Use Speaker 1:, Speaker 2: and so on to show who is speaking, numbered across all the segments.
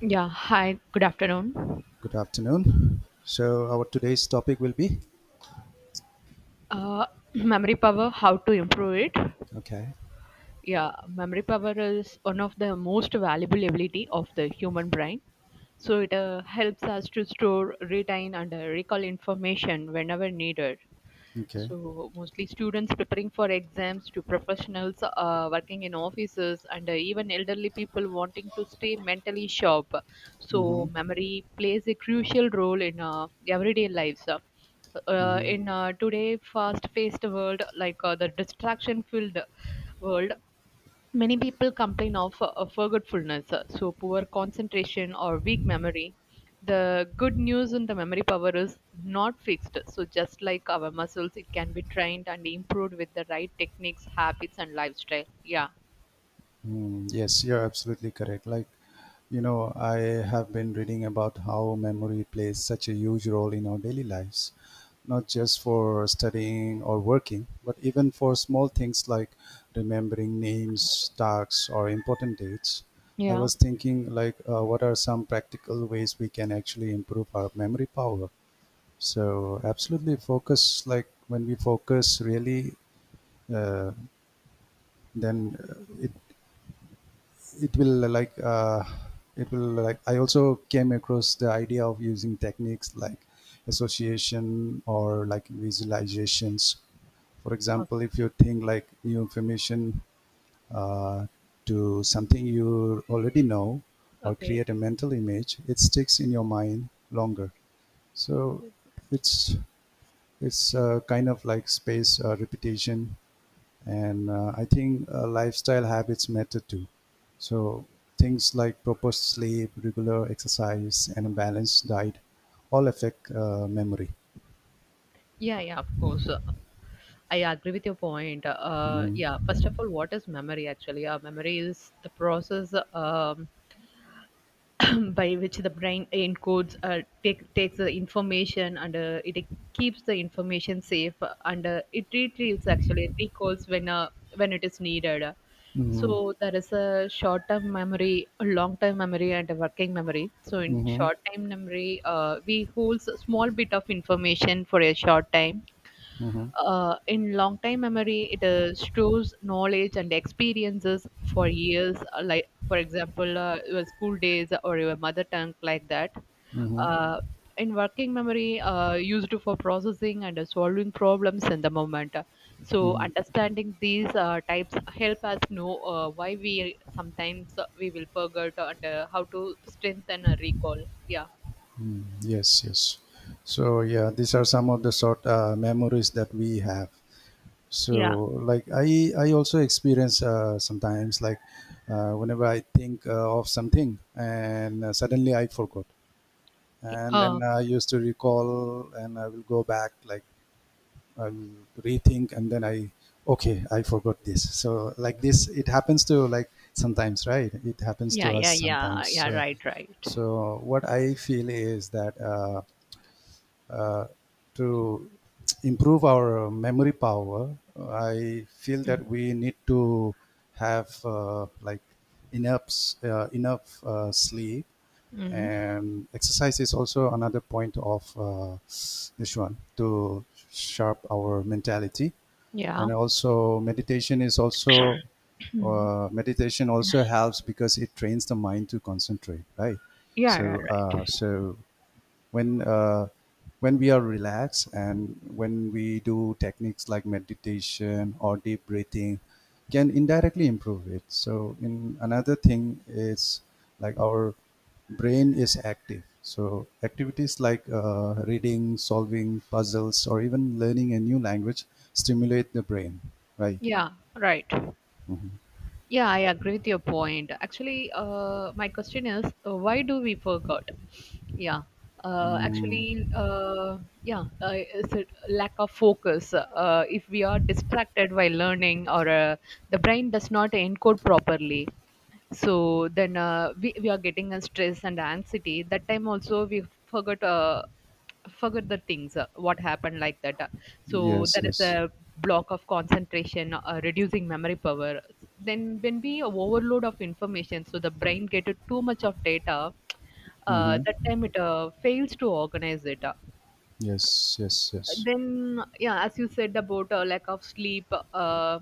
Speaker 1: Yeah, hi, good afternoon.
Speaker 2: Good afternoon. So our today's topic will be
Speaker 1: Uh, Memory power, how to improve it?
Speaker 2: okay,
Speaker 1: Yeah, memory power is one of the most valuable ability of the human brain. So it helps us to store, retain, and recall information whenever needed.
Speaker 2: okay.
Speaker 1: So mostly students preparing for exams to professionals working in offices and even elderly people wanting to stay mentally sharp.
Speaker 2: Mm-hmm.
Speaker 1: So memory plays a crucial role in everyday lives. Uh, uh,
Speaker 2: Mm-hmm.
Speaker 1: in uh, today fast-paced world, like the distraction-filled world, many people complain of forgetfulness, so poor concentration or weak memory. The good news in the memory power is not fixed. So, just like our muscles, it can be trained and improved with the right techniques, habits, and lifestyle. Yeah.
Speaker 2: Mm, yes, you're absolutely correct. I have been reading about how memory plays such a huge role in our daily lives, not just for studying or working, but even for small things like remembering names, tasks, or important dates. I
Speaker 1: Yeah.
Speaker 2: was thinking, what are some practical ways we can actually improve our memory power? So absolutely focus like when we focus really, uh, then it it will like it will like I also came across the idea of using techniques like association or like visualizations. For
Speaker 1: O-
Speaker 2: example, if you think like new information uh, to something you already know or
Speaker 1: Okay.
Speaker 2: create a mental image, it sticks in your mind longer. So it's It's kind of like space repetition, and I think lifestyle habits matter too. So things like proper sleep, regular exercise, and a balanced diet all affect memory.
Speaker 1: Yeah, yeah, of course. I agree with your point. Yeah,
Speaker 2: Mm-hmm.
Speaker 1: first of all, what is memory actually? Memory is the process, by which the brain encodes, takes the information, and it keeps the information safe, and it retrieves, actually recalls when when it is needed. So
Speaker 2: Mm-hmm.
Speaker 1: there is a short term memory, a long term memory, and a working memory. So in
Speaker 2: Mm-hmm.
Speaker 1: short time memory, we holds a small bit of information for a short time.
Speaker 2: Mm-hmm.
Speaker 1: In long-time memory, it stores knowledge and experiences for years. Like, for example, your school days or your mother tongue, like that.
Speaker 2: Mm-hmm.
Speaker 1: Uh, in working memory, used for processing and solving problems in the moment. So,
Speaker 2: Hmm.
Speaker 1: understanding these types help us know why we sometimes we will forget and how to strengthen a recall. Yeah.
Speaker 2: Yes, yes. So yeah, these are some of the sort memories that we have.
Speaker 1: Yeah.
Speaker 2: So, like I also experience sometimes like whenever I think of something and suddenly I forgot, and then
Speaker 1: Uh,
Speaker 2: I used to recall and I will go back like I'll rethink and then I okay I forgot this. So like this, it happens to like sometimes right? It happens
Speaker 1: yeah.
Speaker 2: to us
Speaker 1: Yeah. Yeah.
Speaker 2: sometimes.
Speaker 1: Yeah.
Speaker 2: So
Speaker 1: Right. Right.
Speaker 2: so what I feel is that. uh, to improve our memory power, I feel that we need to have enough enough sleep
Speaker 1: Mm.
Speaker 2: and exercise is also another point of this one to sharp our mentality
Speaker 1: Yeah.
Speaker 2: and also meditation is also
Speaker 1: Mhm.
Speaker 2: meditation also helps because it trains the mind to concentrate, right?
Speaker 1: Yeah, yeah,
Speaker 2: So
Speaker 1: right.
Speaker 2: so when uh, when we are relaxed and when we do techniques like meditation or deep breathing can indirectly improve it. So in another thing is like our brain is active, so activities like reading, solving puzzles, or even learning a new language stimulate the brain, right?
Speaker 1: Yeah, right. Yeah, I agree with your point. Actually, my question is, why do we forget? Yeah, actually, yeah, is it lack of focus? If we are distracted while learning, or the brain does not encode properly, so then we are getting a stress and anxiety. That time also we forgot. Forget the things, what happened, like that. So
Speaker 2: Yes,
Speaker 1: there is
Speaker 2: yes.
Speaker 1: a block of concentration reducing memory power. Then when we overload of information, so the brain get too much of data, that
Speaker 2: Mm-hmm.
Speaker 1: time it fails to organize it.
Speaker 2: Yes, yes, yes.
Speaker 1: Then, yeah, as you said about lack of sleep, uh,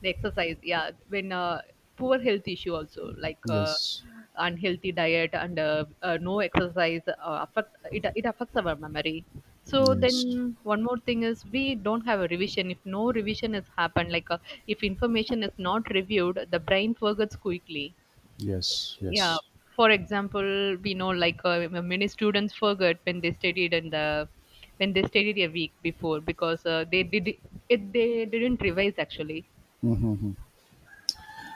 Speaker 1: the exercise, yeah, when poor health issue also, like
Speaker 2: Yes,
Speaker 1: unhealthy diet and no exercise affect it, affects our memory. So
Speaker 2: yes,
Speaker 1: then one more thing is we don't have a revision. If no revision has happened, like if information is not reviewed, the brain forgets quickly.
Speaker 2: yes,
Speaker 1: Yeah,
Speaker 2: yes.
Speaker 1: for example, we know, like many students forget when they studied in the when they studied a week before, because they didn't revise actually.
Speaker 2: Mm-hmm.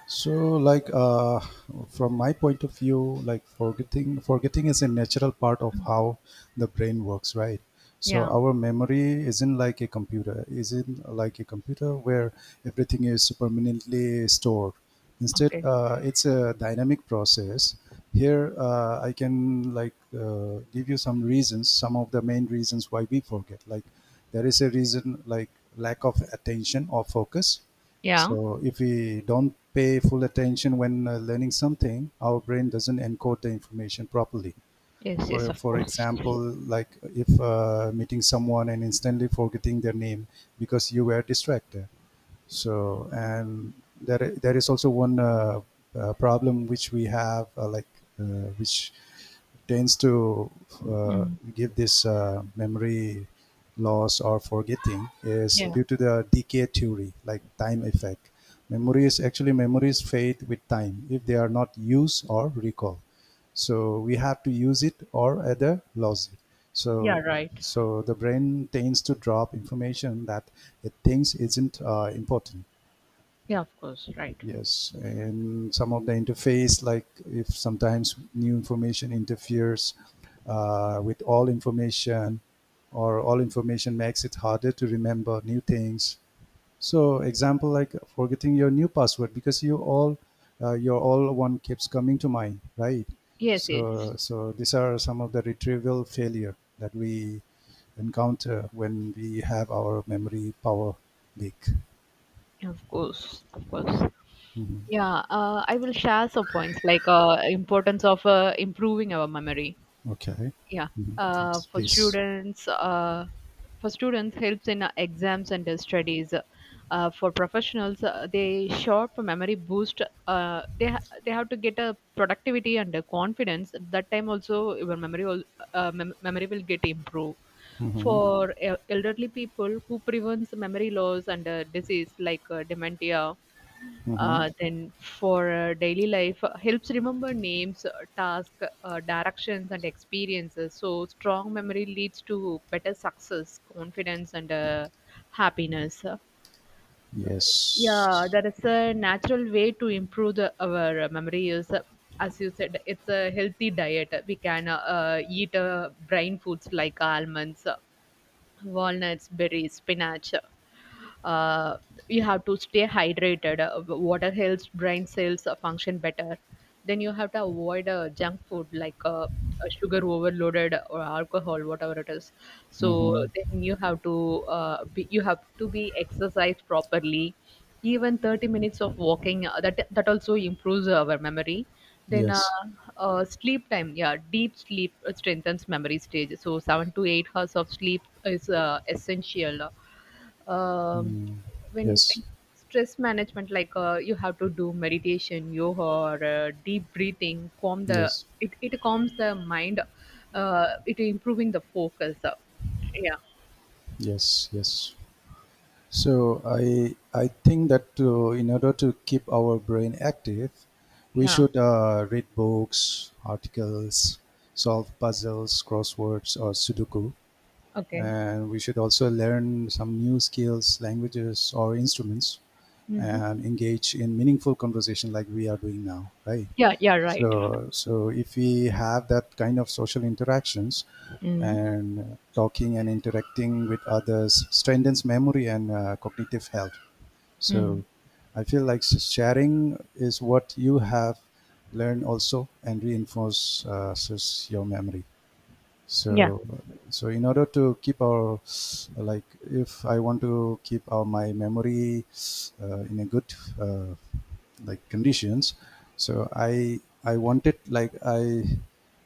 Speaker 2: So, like uh, from my point of view, like forgetting is a natural part of
Speaker 1: Mm.
Speaker 2: how the brain works, right? So
Speaker 1: Yeah.
Speaker 2: our memory isn't like a computer, isn't like a computer where everything is permanently stored. Instead,
Speaker 1: Okay.
Speaker 2: it's a dynamic process. Here, I can give you some reasons, some of the main reasons why we forget. Like there is a reason like lack of attention or focus,
Speaker 1: Yeah,
Speaker 2: so if we don't pay full attention when learning something, our brain doesn't encode the information properly.
Speaker 1: yes, yes,
Speaker 2: For,
Speaker 1: of
Speaker 2: for
Speaker 1: course.
Speaker 2: example, like if meeting someone and instantly forgetting their name because you were distracted. So, and there is also one problem which we have, which tends to uh,
Speaker 1: Mm.
Speaker 2: give this memory loss or forgetting is
Speaker 1: Yeah.
Speaker 2: due to the decay theory, like time effect. Memories actually memories fade with time if they are not used or recalled. So we have to use it or either lose it.
Speaker 1: Yeah,
Speaker 2: So
Speaker 1: right.
Speaker 2: so the brain tends to drop information that it thinks isn't important.
Speaker 1: Yeah, of course, right.
Speaker 2: Yes, and some of the interface, like if sometimes new information interferes with all information, or all information makes it harder to remember new things. So example like forgetting your new password because you all your all one keeps coming to mind, right?
Speaker 1: Yes, yes,
Speaker 2: So so these are some of the retrieval failure that we encounter when we have our memory power leak.
Speaker 1: of course, of course. Yeah, I will share some points like importance of improving our memory.
Speaker 2: Okay.
Speaker 1: Yeah.
Speaker 2: Mhm.
Speaker 1: uh,
Speaker 2: Yes,
Speaker 1: for
Speaker 2: please.
Speaker 1: students uh, for students helps in exams and studies. For professionals, they sharp memory boost. They have to get a productivity and a confidence. At that time also your memory will, memory will get improved.
Speaker 2: Mm-hmm.
Speaker 1: For elderly people, who prevents memory loss and disease like dementia.
Speaker 2: Mm-hmm.
Speaker 1: Then for daily life, helps remember names, task, directions, and experiences. So strong memory leads to better success, confidence, and happiness. Yeah,
Speaker 2: Yes.
Speaker 1: that is a natural way to improve our memory is, as you said, it's a healthy diet. We can eat brain foods like almonds, walnuts, berries, spinach. uh, you have to stay hydrated. Water helps brain cells function better. Then you have to avoid junk food like sugar overloaded or alcohol, whatever it is. So
Speaker 2: Mm-hmm.
Speaker 1: then you have to be exercised properly. Even 30 minutes of walking that also improves our memory. Then
Speaker 2: Yes.
Speaker 1: sleep time, yeah, deep sleep strengthens memory stage. So 7 to 8 hours of sleep is essential. Um, when
Speaker 2: Yes.
Speaker 1: Stress management, like you have to do meditation, yoga, or deep breathing, calm the,
Speaker 2: Yes.
Speaker 1: it calms the mind. It improving the focus. Yeah,
Speaker 2: Yes. Yes. So I think that to, in order to keep our brain active, we
Speaker 1: yeah,
Speaker 2: should read books, articles, solve puzzles, crosswords, or Sudoku,
Speaker 1: okay.
Speaker 2: and we should also learn some new skills, languages, or instruments
Speaker 1: Mm-hmm.
Speaker 2: and engage in meaningful conversation like we are doing now, right?
Speaker 1: Yeah, yeah, right.
Speaker 2: So, so if we have that kind of social interactions
Speaker 1: Mm.
Speaker 2: and talking and interacting with others strengthens memory and cognitive health.
Speaker 1: Mm.
Speaker 2: So, I feel like sharing is what you have learned also and reinforces your memory.
Speaker 1: Yeah.
Speaker 2: So so in order to keep our like if I want to keep our my memory in a good uh, conditions, so I want it like i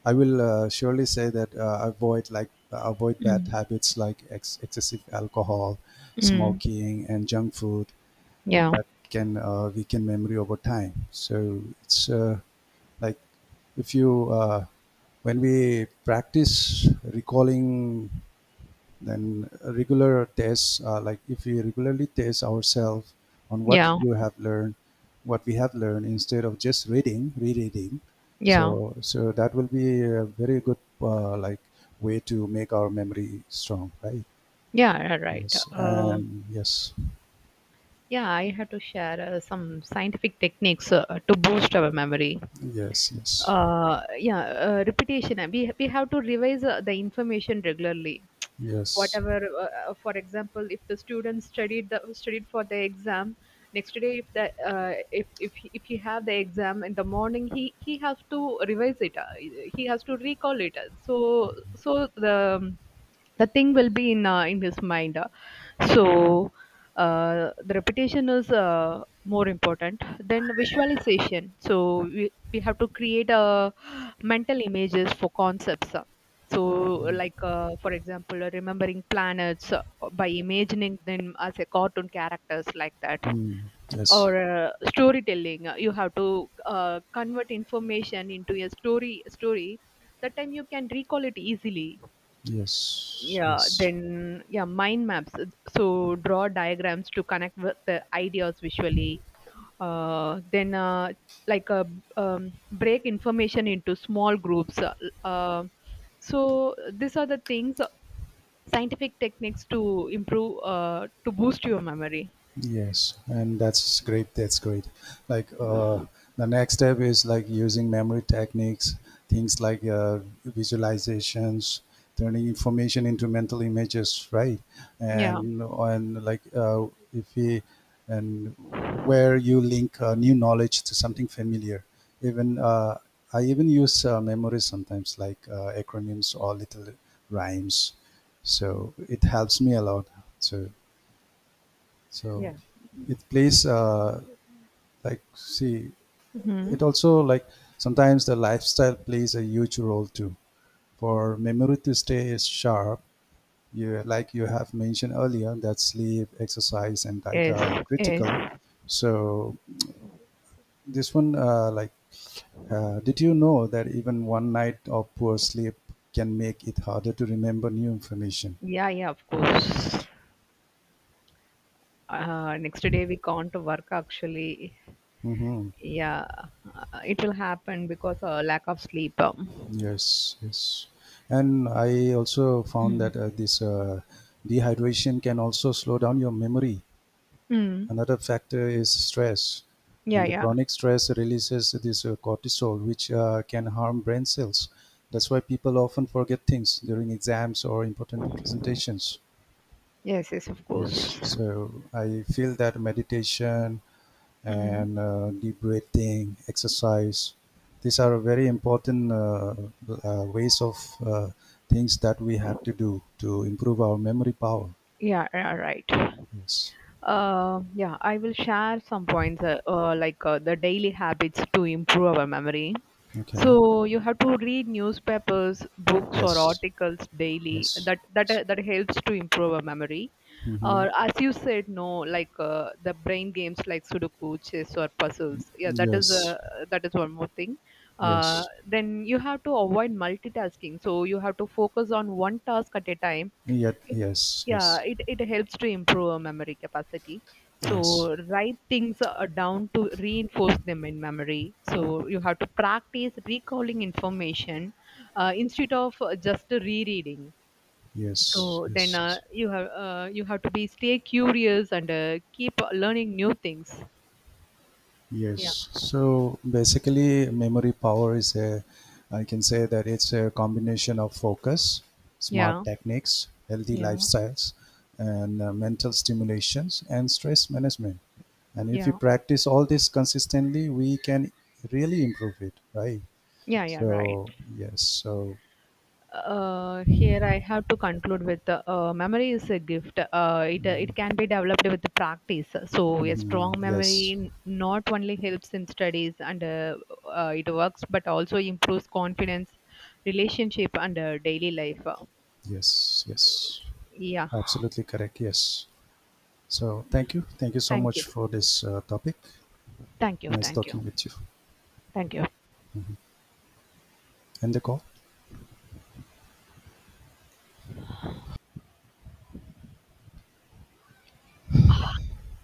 Speaker 2: i will surely say that avoid like avoid bad
Speaker 1: Mm.
Speaker 2: habits like excessive alcohol,
Speaker 1: Mm.
Speaker 2: smoking, and junk food
Speaker 1: Yeah.
Speaker 2: that can weaken memory over time. So it's like if you when we practice recalling, then regular tests like if we regularly test ourselves on what
Speaker 1: Yeah.
Speaker 2: you have learned, what we have learned instead of just reading, rereading.
Speaker 1: Yeah.
Speaker 2: So so that will be a very good way to make our memory strong, right?
Speaker 1: Yeah, yeah, right.
Speaker 2: Yes, and yes,
Speaker 1: Yeah, I have to share some scientific techniques to
Speaker 2: uh,
Speaker 1: boost our memory.
Speaker 2: yes, yes,
Speaker 1: Yeah, repetition. We have to revise the information regularly.
Speaker 2: yes.
Speaker 1: Whatever, for example, if the student studied for the exam, next day, if the if he have the exam in the morning, he has to revise it. He has to recall it. So, so the the thing will be in his mind. So uh, the repetition is more important than visualization. So we, we have to create a mental images for concepts. So like for example, remembering planets, by imagining them as a cartoon characters, like that.
Speaker 2: Mm, yes,
Speaker 1: Or storytelling, you have to convert information into a story. That time you can recall it easily.
Speaker 2: yes,
Speaker 1: Yeah,
Speaker 2: yes.
Speaker 1: then, yeah, mind maps. So draw diagrams to connect with the ideas visually. Then like uh, break information into small groups, uh, so these are the things, scientific techniques to improve, to boost your memory.
Speaker 2: Yes, and that's great. That's great. Like the next step is like using memory techniques, things like visualizations, turning information into mental images, right?
Speaker 1: Yeah.
Speaker 2: And if we and where you link new knowledge to something familiar. Even I even use memory sometimes, like acronyms or little rhymes. So it helps me a lot. So so
Speaker 1: Yeah.
Speaker 2: it plays see
Speaker 1: Hmm.
Speaker 2: it also like sometimes the lifestyle plays a huge role too. For memory to stay sharp, you like you have mentioned earlier that sleep, exercise, and diet are
Speaker 1: Yes, yes.
Speaker 2: critical. So this one, did you know that even one night of poor sleep can make it harder to remember new information?
Speaker 1: Yeah, yeah, of course. Next day we can't work actually.
Speaker 2: Mm-hmm.
Speaker 1: Yeah, it will happen because lack of sleep.
Speaker 2: Yes, yes. And I also found that uh,
Speaker 1: Mm.
Speaker 2: this uh, dehydration can also slow down your memory.
Speaker 1: Mm.
Speaker 2: Another factor is stress.
Speaker 1: Yeah,
Speaker 2: And the
Speaker 1: yeah.
Speaker 2: chronic stress releases this cortisol, which can harm brain cells. That's why people often forget things during exams or important presentations.
Speaker 1: Yes, yes, of
Speaker 2: Yes.
Speaker 1: course.
Speaker 2: So I feel that meditation,
Speaker 1: Mm.
Speaker 2: and deep breathing, exercise. These are very important ways of uh, things that we have to do to improve our memory power.
Speaker 1: Yeah, yeah, right.
Speaker 2: Yes.
Speaker 1: Yeah, I will share some points, the daily habits to improve our memory.
Speaker 2: Okay.
Speaker 1: So you have to read newspapers, books, or
Speaker 2: Yes.
Speaker 1: articles daily.
Speaker 2: Yes.
Speaker 1: That that
Speaker 2: Yes.
Speaker 1: uh, that helps to improve our memory.
Speaker 2: Mm-hmm.
Speaker 1: Or, as you said, no, like the brain games like Sudoku, chess, or puzzles. Yeah, that is
Speaker 2: Yes.
Speaker 1: a that is one more thing.
Speaker 2: Yes.
Speaker 1: Then you have to avoid multitasking. So you have to focus on one task at a time.
Speaker 2: Yet.
Speaker 1: It
Speaker 2: Yes.
Speaker 1: Yeah,
Speaker 2: Yes.
Speaker 1: it helps to improve our memory capacity.
Speaker 2: Yes.
Speaker 1: So write things down to reinforce them in memory. So you have to practice recalling information instead of just rereading.
Speaker 2: Yes.
Speaker 1: So then
Speaker 2: Yes.
Speaker 1: you have to be stay curious and keep learning new things. Yeah,
Speaker 2: Yes. So basically, memory power is a, I can say that it's a combination of focus, smart
Speaker 1: yeah,
Speaker 2: techniques, healthy
Speaker 1: yeah,
Speaker 2: lifestyles, and mental stimulations and stress management. And if we
Speaker 1: yeah,
Speaker 2: practice all this consistently, we can really improve it, right?
Speaker 1: yeah, yeah. Right.
Speaker 2: So, yes. So,
Speaker 1: Here I have to conclude with memory is a gift. It it can be developed with practice. So a
Speaker 2: mhm,
Speaker 1: strong
Speaker 2: yes.
Speaker 1: memory not only helps in studies and it works, but also improves confidence, relationship, and daily life.
Speaker 2: Yes. Yes.
Speaker 1: Yeah.
Speaker 2: Absolutely correct. Yes. So, thank you. Thank you so
Speaker 1: Thank you.
Speaker 2: much for this topic.
Speaker 1: Thank you.
Speaker 2: Nice
Speaker 1: Thank
Speaker 2: talking
Speaker 1: you.
Speaker 2: with you.
Speaker 1: Thank you.
Speaker 2: End the call.